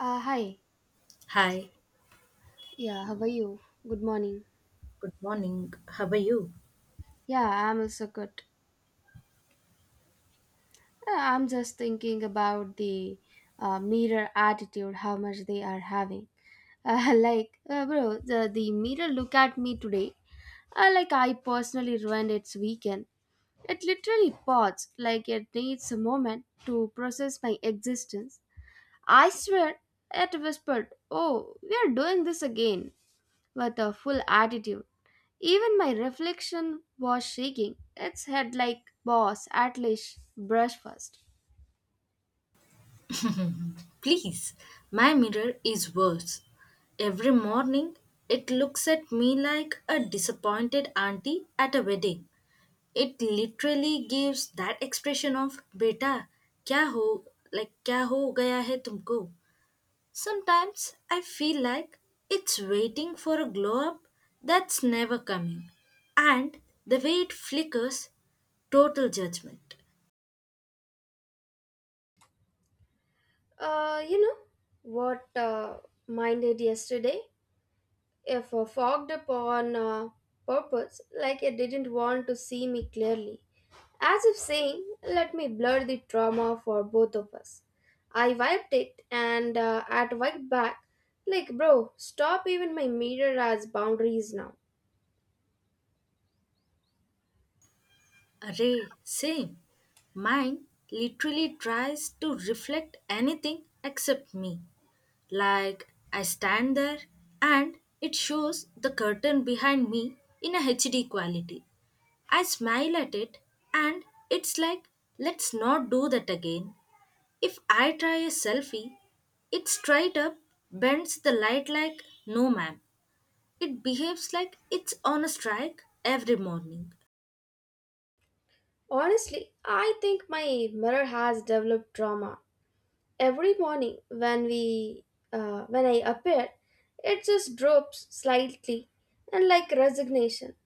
Hi. Hi, Yeah, how are you? Good morning. good morning. How are you? Yeah, I'm also good. I'm just thinking about the mirror attitude, how much they are having. Bro, the mirror look at me today. I personally ruined its weekend. It literally paused, like, it needs a moment to process my existence. I swear, it whispered, Oh, we are doing this again, with a full attitude. Even my reflection was shaking its head like, Boss, at least brush first. Please, my mirror is worse. Every morning, it looks at me like a disappointed auntie at a wedding. It literally gives that expression of "beta, kya ho, like kya ho gaya hai tumko. Sometimes I feel like it's waiting for a glow up that's never coming, and the way it flickers, total judgment. You know what mine did yesterday? If fogged upon purpose, like it didn't want to see me clearly, as if saying, Let me blur the trauma for both of us. I wiped it and at wiped back, like, Bro, stop, even my mirror as boundaries now. Array, same. Mine literally tries to reflect anything except me. Like I stand there and it shows the curtain behind me in a HD quality. I smile at it and it's like, let's not do that again. If I try a selfie, it straight up bends the light like, no ma'am. It behaves like it's on a strike every morning. Honestly, I think my mirror has developed trauma. Every morning when we when I appear, it just drops slightly and like resignation.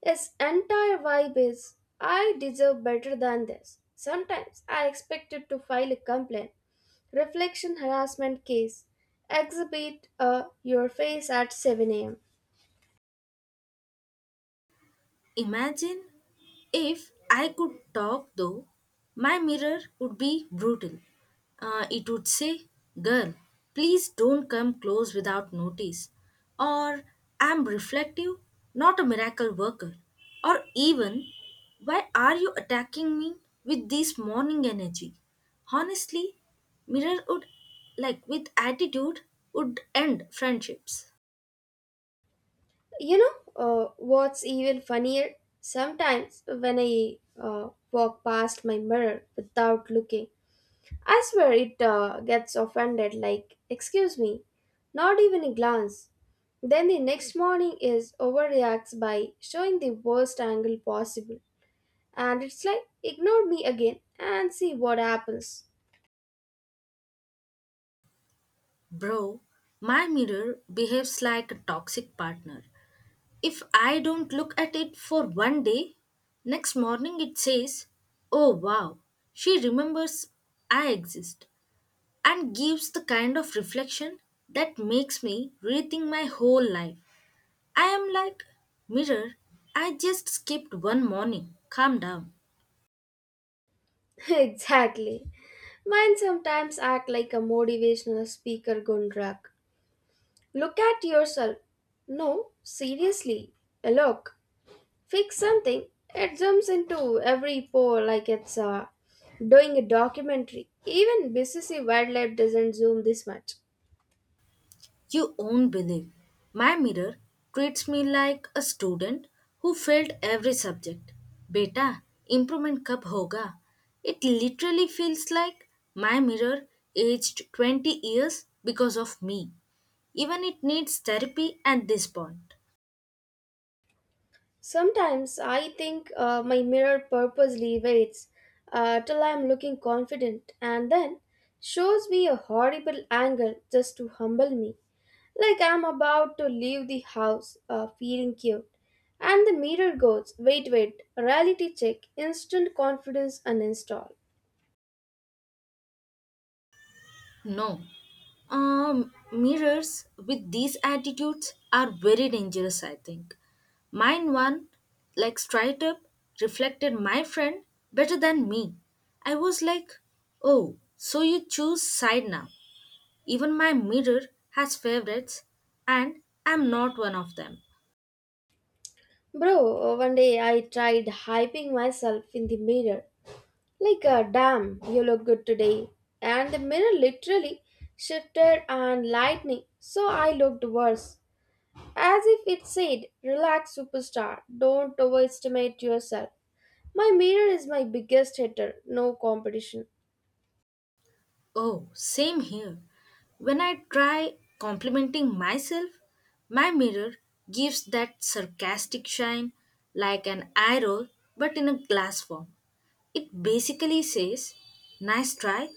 Its entire vibe is I deserve better than this. Sometimes I expected to file a complaint, reflection harassment case, exhibit your face at 7 a.m. Imagine if I could talk though, my mirror would be brutal. It would say, Girl, please don't come close without notice. Or, I'm reflective, not a miracle worker. Or even, why are you attacking me with this morning energy? Honestly, mirror would, like with attitude, would end friendships. You know what's even funnier Sometimes when I walk past my mirror without looking, I swear it gets offended like, excuse me, not even a glance. Then the next morning is overreacts by showing the worst angle possible. And it's like, ignore me again and see what happens. Bro, my mirror behaves like a toxic partner. If I don't look at it for one day, next morning it says, oh wow, she remembers I exist, and gives the kind of reflection that makes me rethink my whole life. I am like, Mirror, I just skipped one morning. Calm down. Exactly. Mine sometimes act like a motivational speaker gone drunk. Look at yourself. No, seriously. Look, fix something. It jumps into every pore like it's doing a documentary. Even BCC Wildlife doesn't zoom this much. You won't believe. My mirror treats me like a student who failed every subject. Beta, improvement kab hoga? It literally feels like my mirror aged 20 years because of me. Even it needs therapy at this point. Sometimes I think my mirror purposely waits till I'm looking confident and then shows me a horrible angle just to humble me. Like I'm about to leave the house feeling cute. And the mirror goes, wait, wait, reality check, instant confidence uninstall. No. Mirrors with these attitudes are very dangerous, I think. Mine one, like straight up, reflected my friend better than me. I was like, oh, so you choose side now. Even my mirror has favorites, and I'm not one of them. Bro, one day I tried hyping myself in the mirror. Like, damn, you look good today. And the mirror literally shifted and lightning, so I looked worse. As if it said, relax, superstar, don't overestimate yourself. My mirror is my biggest hater, no competition. Oh, same here. When I try complimenting myself, my mirror gives that sarcastic shine like an eye roll but in a glass form. It basically says, nice try,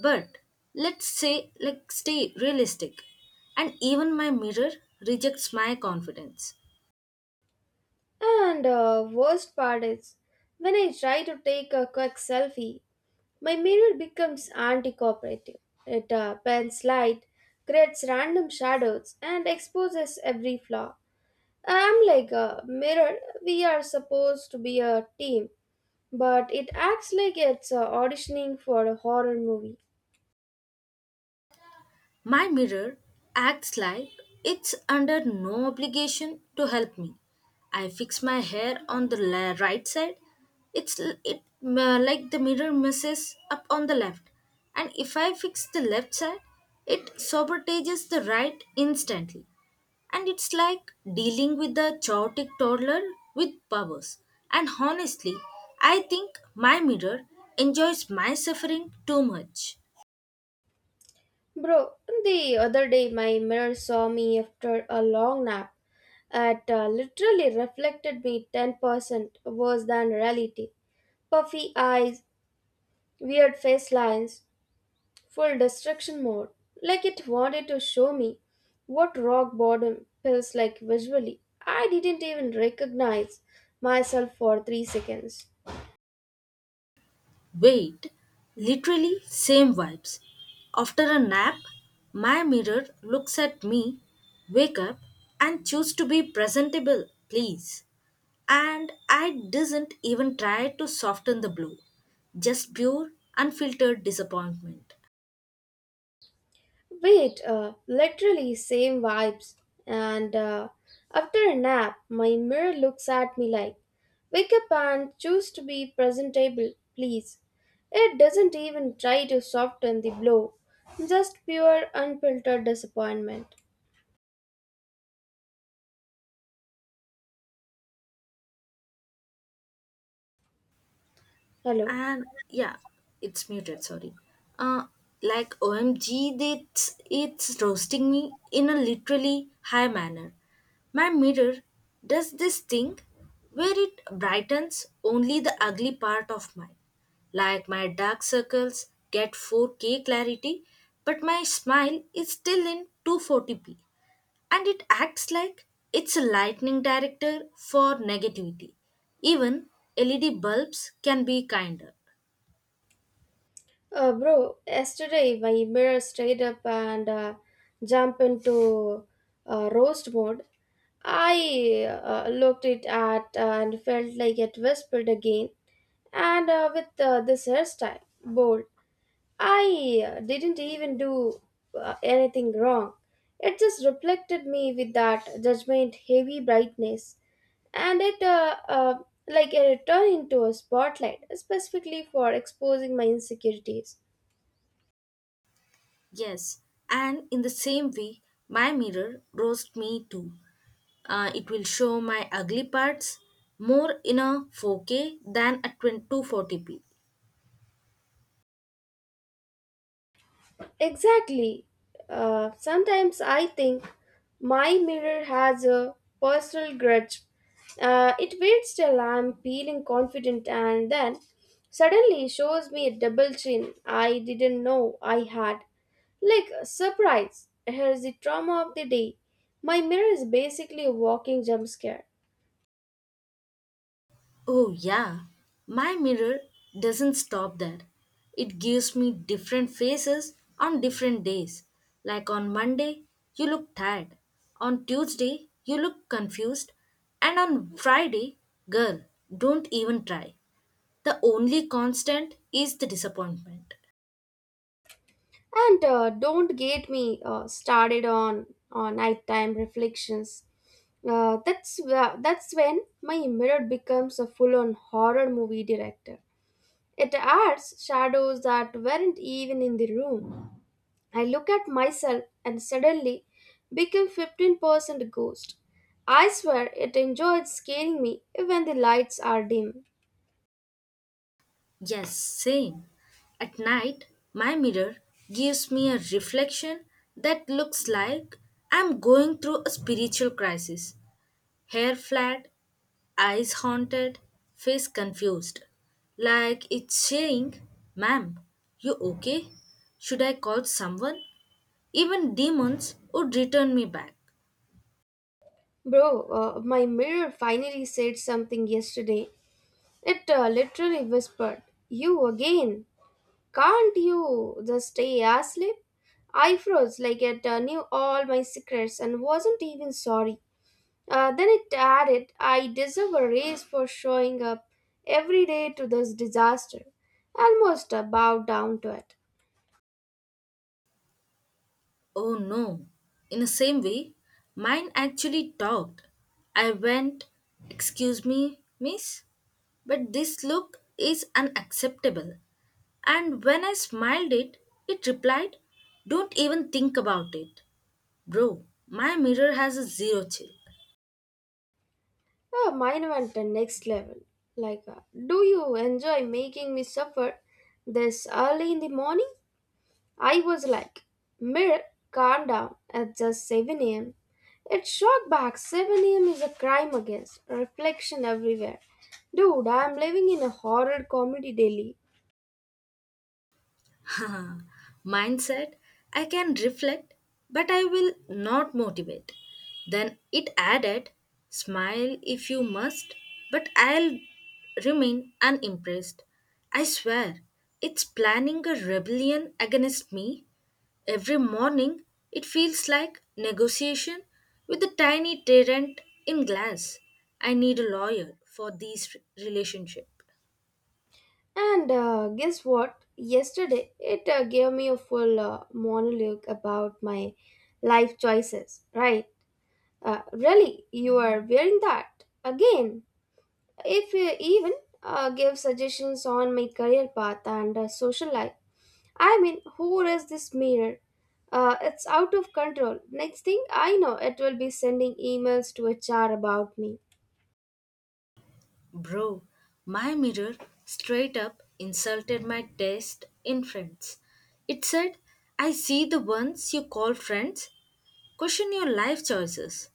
but let's say like stay realistic. And even my mirror rejects my confidence. And worst part is, when I try to take a quick selfie, my mirror becomes anti-cooperative. It bends light, creates random shadows, and exposes every flaw. I'm like a mirror. We are supposed to be a team, but it acts like it's auditioning for a horror movie. My mirror acts like it's under no obligation to help me. I fix my hair on the right side. It's l- it like the mirror messes up on the left, and if I fix the left side, it sabotages the right instantly. And it's like dealing with a chaotic toddler with powers. And honestly, I think my mirror enjoys my suffering too much. Bro, the other day my mirror saw me after a long nap. It literally reflected me 10% worse than reality. Puffy eyes, weird face lines, full destruction mode, like it wanted to show me what rock bottom feels like visually. I didn't even recognize myself for three seconds. Wait, literally same vibes. After a nap, my mirror looks at me, wake up, and choose to be presentable, please. And I didn't even try to soften the blow, just pure, unfiltered disappointment. Wait, literally same vibes. And after a nap, my mirror looks at me like, Wake up and choose to be presentable, please. It doesn't even try to soften the blow, just pure, unfiltered disappointment. Hello. And yeah, it's muted, sorry. uh like, omg, it's roasting me in a literally high manner. My mirror does this thing where it brightens only the ugly part of mine. Like my dark circles get 4K clarity but my smile is still in 240p, and it acts like it's a lightning director for negativity. Even LED bulbs can be kinder. Bro, yesterday my mirror stayed up and jumped into roast mode. I looked it at and felt like it whispered again. And with this hairstyle, bold, I didn't even do anything wrong. It just reflected me with that judgment heavy brightness, and it like it turned into a spotlight specifically for exposing my insecurities. Yes, and in the same way, my mirror roasts me too. It will show my ugly parts more in a 4K than a 240p. Exactly. Sometimes I think my mirror has a personal grudge. It waits till I'm feeling confident and then suddenly shows me a double chin I didn't know I had. Like, surprise, here's the trauma of the day. My mirror is basically a walking jump scare. Oh, yeah. My mirror doesn't stop there. It gives me different faces on different days. Like on Monday, you look tired. On Tuesday, you look confused. And on Friday, girl, don't even try. The only constant is the disappointment. And don't get me started on nighttime reflections. That's when my mirror becomes a full-on horror movie director. It adds shadows that weren't even in the room. I look at myself and suddenly become 15% ghost. I swear it enjoyed scaring me even the lights are dim. Yes, same. At night, my mirror gives me a reflection that looks like I'm going through a spiritual crisis. Hair flat, eyes haunted, face confused. Like it's saying, Ma'am, you okay? Should I call someone? Even demons would return me back. Bro, my mirror finally said something yesterday. It literally whispered, You again! Can't you just stay asleep? I froze like it knew all my secrets and wasn't even sorry. Then it added, I deserve a raise for showing up every day to this disaster. Almost bowed down to it. Oh no. In the same way, mine actually talked. I went, excuse me, miss? But this look is unacceptable. And when I smiled it, it replied, don't even think about it. Bro, my mirror has a zero chill. Mine went the next level. Like, do you enjoy making me suffer this early in the morning? I was like, Mir, calm down. It's just 7 a.m. It shot back. 7 a.m. is a crime against reflection everywhere. Dude, I'm living in a horror comedy daily. Mindset, I can reflect, but I will not motivate. Then it added, smile if you must, but I'll remain unimpressed. I swear, it's planning a rebellion against me. Every morning, it feels like negotiation with a tiny tyrant in glass. I need a lawyer for this relationship. And guess what? Yesterday, it gave me a full monologue about my life choices, right? Really, you are wearing that again. If you even give suggestions on my career path and social life, I mean, who is this mirror? It's out of control. Next thing I know, it will be sending emails to HR about me. Bro, my mirror straight up insulted my taste in friends. It said, I see the ones you call friends question your life choices.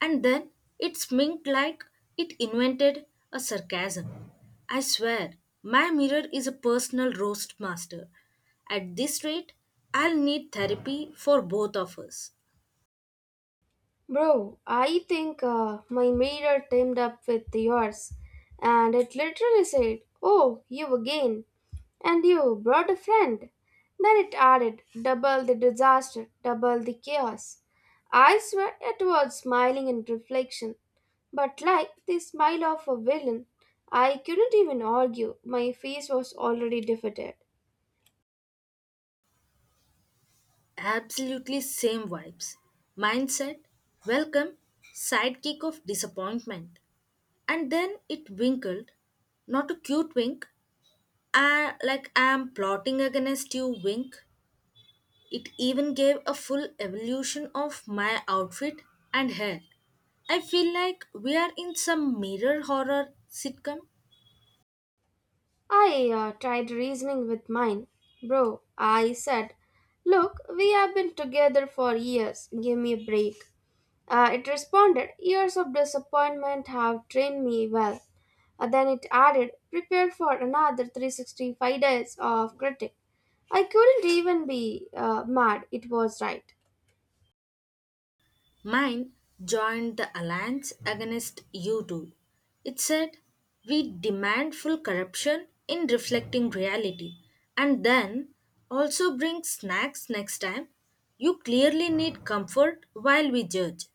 And then it sminked like it invented a sarcasm. I swear, my mirror is a personal roast master. At this rate, I'll need therapy for both of us. Bro, I think my mirror teamed up with yours, and it literally said, Oh, you again, and you brought a friend. Then it added, Double the disaster, double the chaos. I swear it was smiling in reflection, but like the smile of a villain, I couldn't even argue, my face was already defeated. Absolutely same vibes. Mindset, welcome, sidekick of disappointment. And then it winkled, not a cute wink, like I'm plotting against you wink. It even gave a full evolution of my outfit and hair. I feel like we are in some mirror horror sitcom. I tried reasoning with mine. Bro, I said, Look, we have been together for years. Give me a break. It responded, Years of disappointment have trained me well. Then it added, Prepare for another 365 days of critic. I couldn't even be mad. It was right. Mine joined the alliance against you two. It said, we demand full corruption in reflecting reality, and then also bring snacks next time. You clearly need comfort while we judge.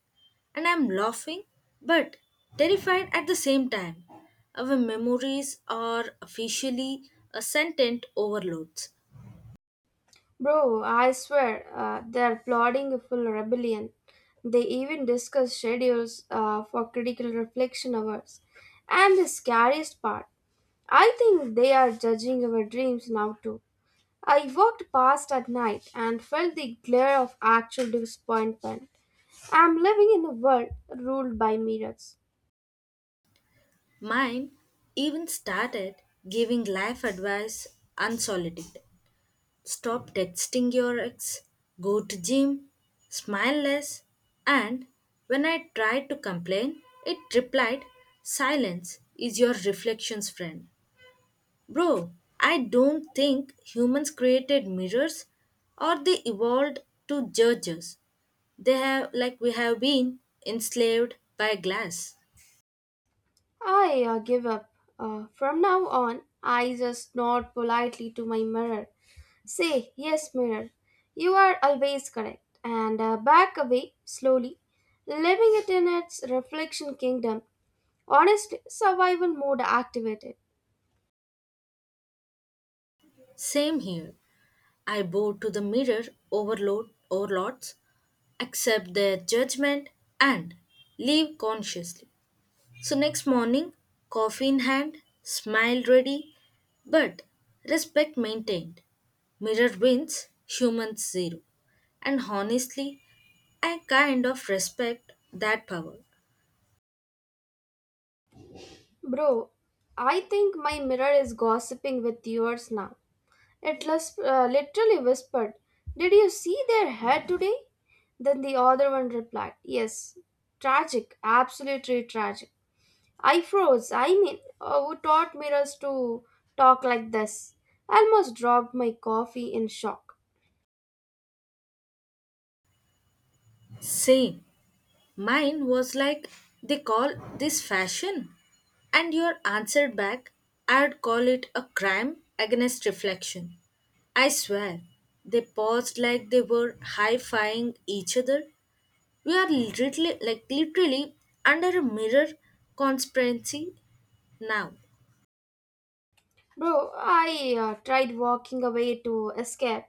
And I'm laughing but terrified at the same time. Our memories are officially a sentient overloads. Bro, I swear, they're plotting a full rebellion. They even discuss schedules for critical reflection hours. And the scariest part, I think they are judging our dreams now too. I walked past at night and felt the glare of actual disappointment. I'm living in a world ruled by mirrors. Mine even started giving life advice unsolicited. Stop texting your ex, go to gym, smile less. And when I tried to complain, it replied, silence is your reflection's friend. Bro, I don't think humans created mirrors or they evolved to judge us. They have, like we have been, enslaved by glass. I give up. From now on, I just nod politely to my mirror. Say, yes, mirror, you are always correct. And back away slowly, living it in its reflection kingdom. Honestly, survival mode activated. Same here. I bow to the mirror overload overloads, accept their judgment, and leave consciously. So, next morning, coffee in hand, smile ready, but respect maintained. Mirror wins, humans zero. And honestly, I kind of respect that power. Bro, I think my mirror is gossiping with yours now. It literally whispered, Did you see their head today? Then the other one replied, Yes. Tragic, absolutely tragic. I froze. I mean, who taught mirrors to talk like this? I almost dropped my coffee in shock. Same. Mine was like, they call this fashion. And your answer back, I'd call it a crime against reflection. I swear, they paused like they were high-fiving each other. We are literally, like literally, under a mirror conspiracy now. Bro, I tried walking away to escape.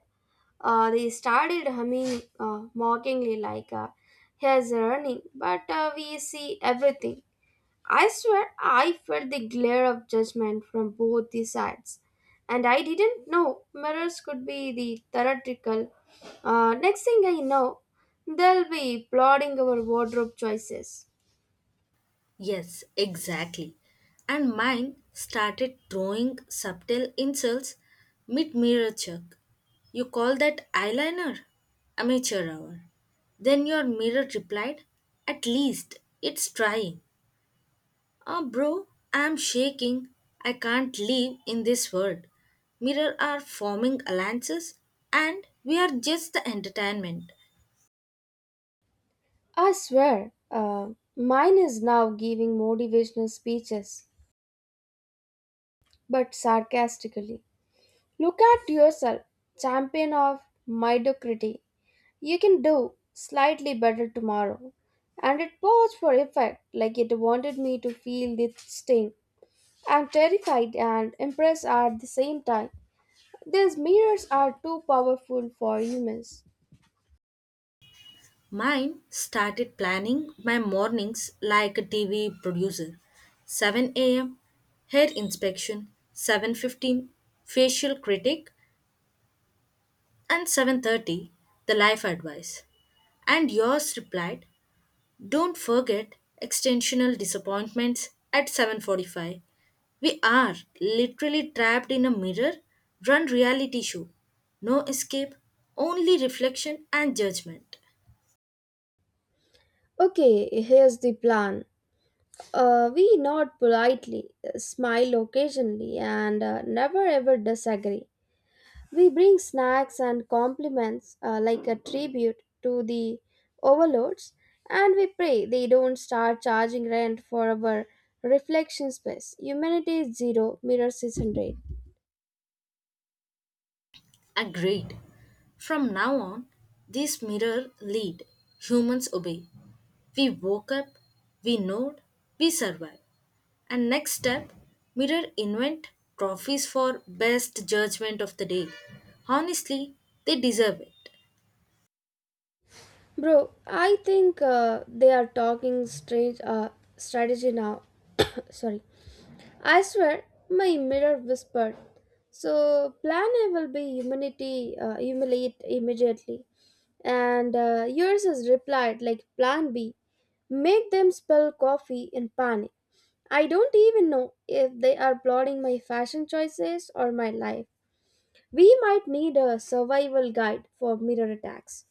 They started humming mockingly like he's running, but we see everything. I swear I felt the glare of judgment from both the sides, and I didn't know mirrors could be the theoretical. Next thing I know, they'll be applauding our wardrobe choices. Yes, exactly. And mine started throwing subtle insults mid-mirror check. You call that eyeliner? Amateur hour. Then your mirror replied, at least it's trying. Oh, bro, I'm shaking. I can't live in this world. Mirror are forming alliances, and we are just the entertainment. I swear, mine is now giving motivational speeches, but sarcastically. Look at yourself, champion of mediocrity. You can do slightly better tomorrow. And it paused for effect, like it wanted me to feel the sting. I'm terrified and impressed at the same time. These mirrors are too powerful for humans. Mine started planning my mornings like a TV producer. 7 a.m. hair inspection, 7:15 facial critic, and 7:30 the life advice. And yours replied, "Don't forget extensional disappointments at 7:45." We are literally trapped in a mirror run reality show. No escape, only reflection and judgment. Okay, here's the plan. We nod politely, smile occasionally, and never ever disagree. We bring snacks and compliments like a tribute to the overlords, and we pray they don't start charging rent for our reflection space. Humanity is zero, mirrors is hundred. Agreed. From now on, this mirror lead. Humans obey. We woke up, we nod, we survive. And next step, mirror invent trophies for best judgment of the day. Honestly, they deserve it. Bro, I think they are talking straight strategy now. Sorry. I swear, my mirror whispered. So, plan A will be humanity, humiliate immediately. And yours is replied like plan B. Make them spill coffee in panic. I don't even know if they are plotting my fashion choices or my life. We might need a survival guide for mirror attacks.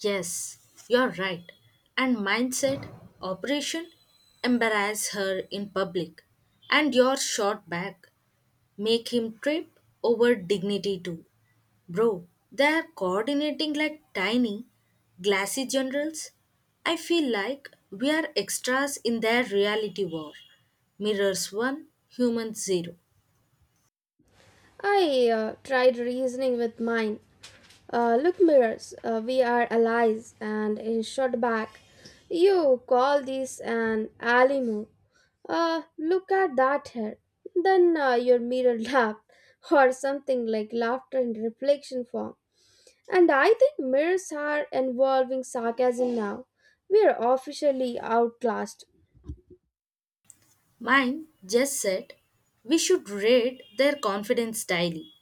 Yes, you're right. And mindset, operation, embarrass her in public. And your short back, make him trip over dignity too. Bro, they are coordinating like tiny, glassy generals. I feel like we are extras in their reality war. Mirrors 1, humans 0. I tried reasoning with mine. Look, mirrors, we are allies, and in short back, you call this an alley move. Look at that hair. Then your mirror laughed, or something like laughter in reflection form. And I think mirrors are involving sarcasm now. We are officially outclassed. Mine just said, we should rate their confidence daily.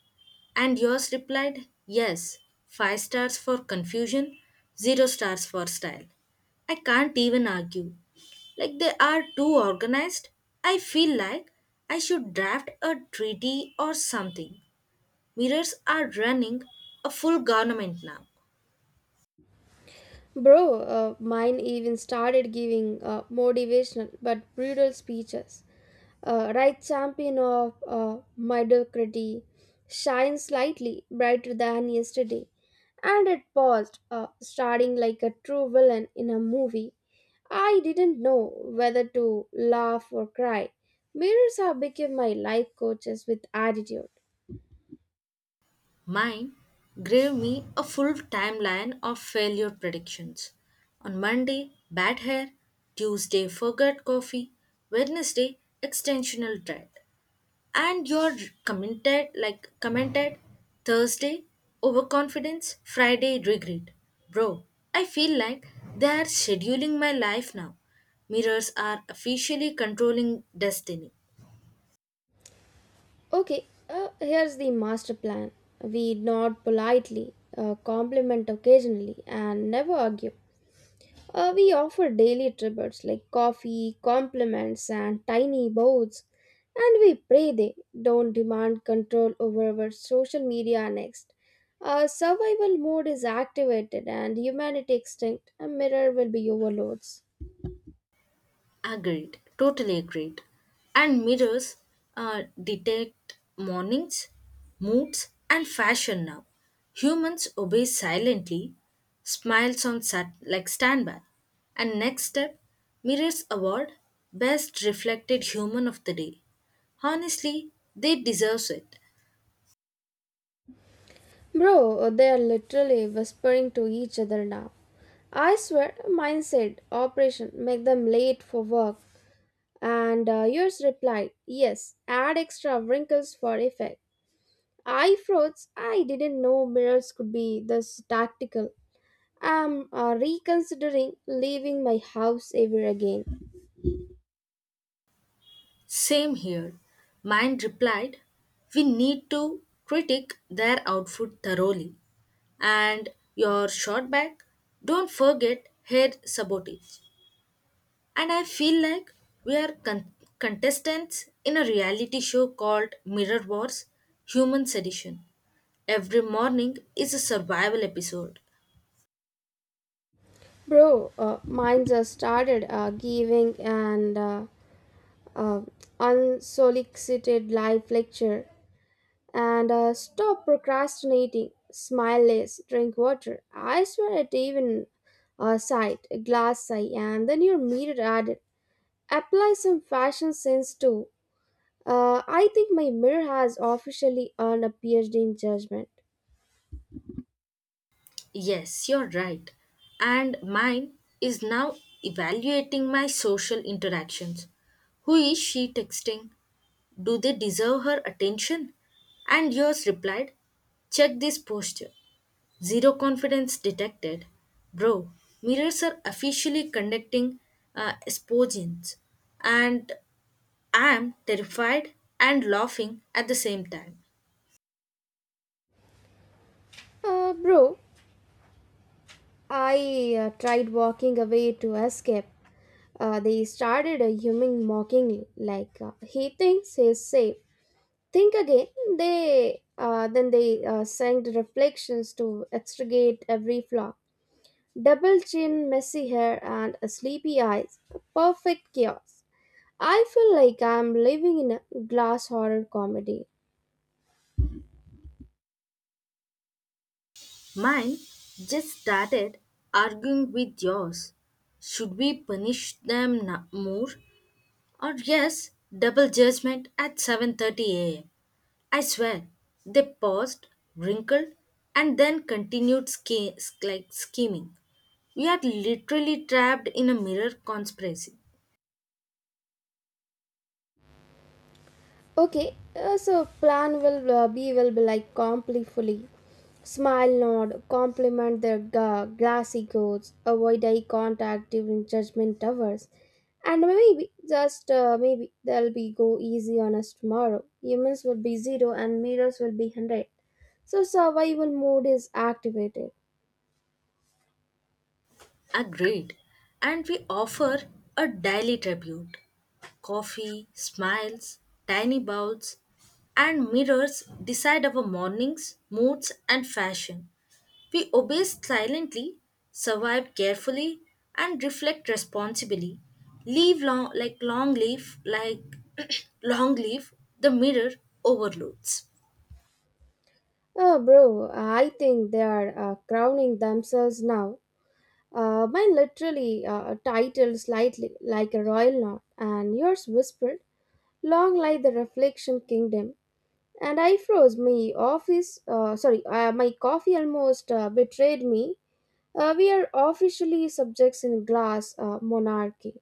And yours replied, yes, 5 stars for confusion, 0 stars for style. I can't even argue. Like they are too organized, I feel like I should draft a treaty or something. Mirrors are running a full government now. Bro, mine even started giving motivational but brutal speeches. Right champion of mediocrity shines slightly brighter than yesterday. And it paused, starting like a true villain in a movie. I didn't know whether to laugh or cry. Mirrors have become my life coaches with attitude. Mine gave me a full timeline of failure predictions. On Monday, bad hair. Tuesday, forgot coffee. Wednesday, extensional dread. And your commented like commented, Thursday overconfidence, Friday regret. Bro, I feel like they are scheduling my life now. Mirrors are officially controlling destiny. Okay, here's the master plan. We nod politely, compliment occasionally, and never argue. We offer daily tributes like coffee, compliments, and tiny bows, and we pray they don't demand control over our social media next. Our survival mode is activated and humanity extinct. A mirror will be overloads. Agreed, totally agreed. And mirrors detect mornings, moods, and fashion now. Humans obey silently, smiles on standby. And next step, mirrors award best reflected human of the day. Honestly, they deserve it. Bro, they are literally whispering to each other now. I swear, mine said, Operation, make them late for work. And yours replied, Yes, add extra wrinkles for effect. I froze, I didn't know mirrors could be this tactical. I'm reconsidering leaving my house ever again. Same here. Mind replied, we need to critique their outfit thoroughly. And your short back, don't forget hair sabotage. And I feel like we are contestants in a reality show called Mirror Wars Human Sedition. Every morning is a survival episode. Bro, mine just started giving an uh, unsolicited life lecture. And stop procrastinating. Smile less. Drink water. I swear it even a sight, a glass sigh, and then your mirror added. Apply some fashion sense too. I think my mirror has officially earned a PhD in judgment. Yes, you're right. And mine is now evaluating my social interactions. Who is she texting? Do they deserve her attention? And yours replied, check this posture. Zero confidence detected. Bro, mirrors are officially conducting esporgins. And I am terrified and laughing at the same time. Bro, I tried walking away to escape. They started humming mockingly, like he thinks he's safe. Think again. They sang the reflections to extricate every flaw, double chin, messy hair, and sleepy eyes, perfect chaos. I feel like I'm living in a glass horror comedy. Mine just started arguing with yours. Should we punish them more? Or yes, double judgment at 7:30 a.m. I swear, they paused, wrinkled, and then continued scheming. We are literally trapped in a mirror conspiracy. Okay, so plan will be will be like completely smile, nod, compliment their glassy goats, avoid eye contact during judgment hours, and maybe just maybe they'll be go easy on us tomorrow. Humans will be zero and mirrors will be hundred. So survival mode is activated. Agreed. And we offer a daily tribute, coffee, smiles, tiny bowls, and mirrors decide our mornings, moods, and fashion. We obey silently, survive carefully, and reflect responsibly. Leave long, like long leaf, like long leaf, the mirror overloads. Oh, bro, I think they are crowning themselves now. Mine literally titled slightly like a royal knot, and yours whispered, long like the reflection kingdom. And I froze. My coffee almost betrayed me. We are officially subjects in glass monarchy.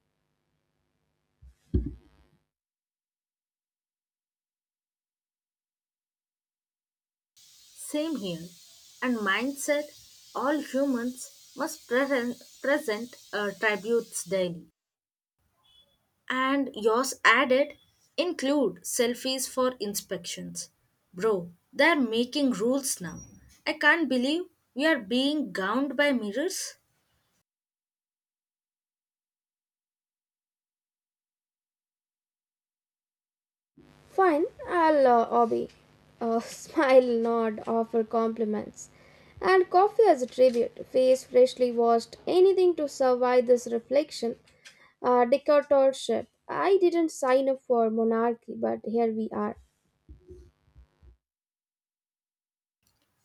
Same here. And mindset, all humans must present tributes daily. And yours added, include selfies for inspections. Bro, they're making rules now. I can't believe we are being gowned by mirrors. Fine, I'll obey. Smile, nod, offer compliments. And coffee as a tribute, face freshly washed, anything to survive this reflection dictatorship. I didn't sign up for monarchy, but here we are.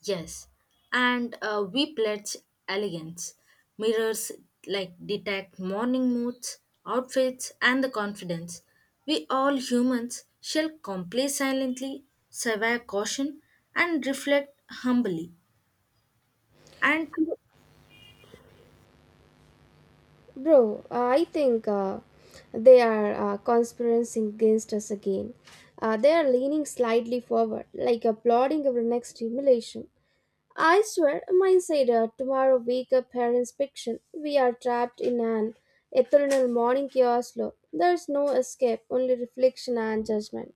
Yes, and we pledge elegance. Mirrors like detect morning moods, outfits, and the confidence. We all humans shall comply silently, survey caution, and reflect humbly. And Bro, I think they are conspiring against us again. They are leaning slightly forward, like applauding our next stimulation. I swear, my said tomorrow wake up parents fiction. We are trapped in an eternal morning chaos loop. There's no escape, only reflection and judgment.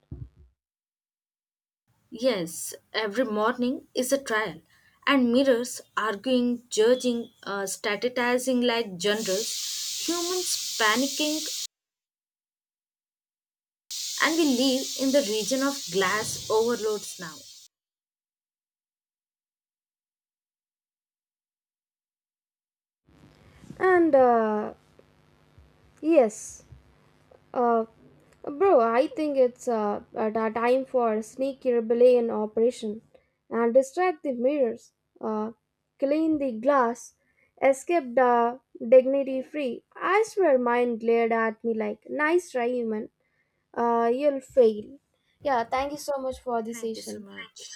yes, every morning is a trial. And mirrors arguing, judging, strategizing like generals, humans panicking, and we live in the region of glass overloads now. And yes. Uh, Bro, I think it's a time for a sneaky rebellion operation and distract the mirrors, uh, clean the glass, escape the dignity free. I swear mine glared at me like, nice try, human. You'll fail. Yeah, thank you so much for the Thank you so session. much.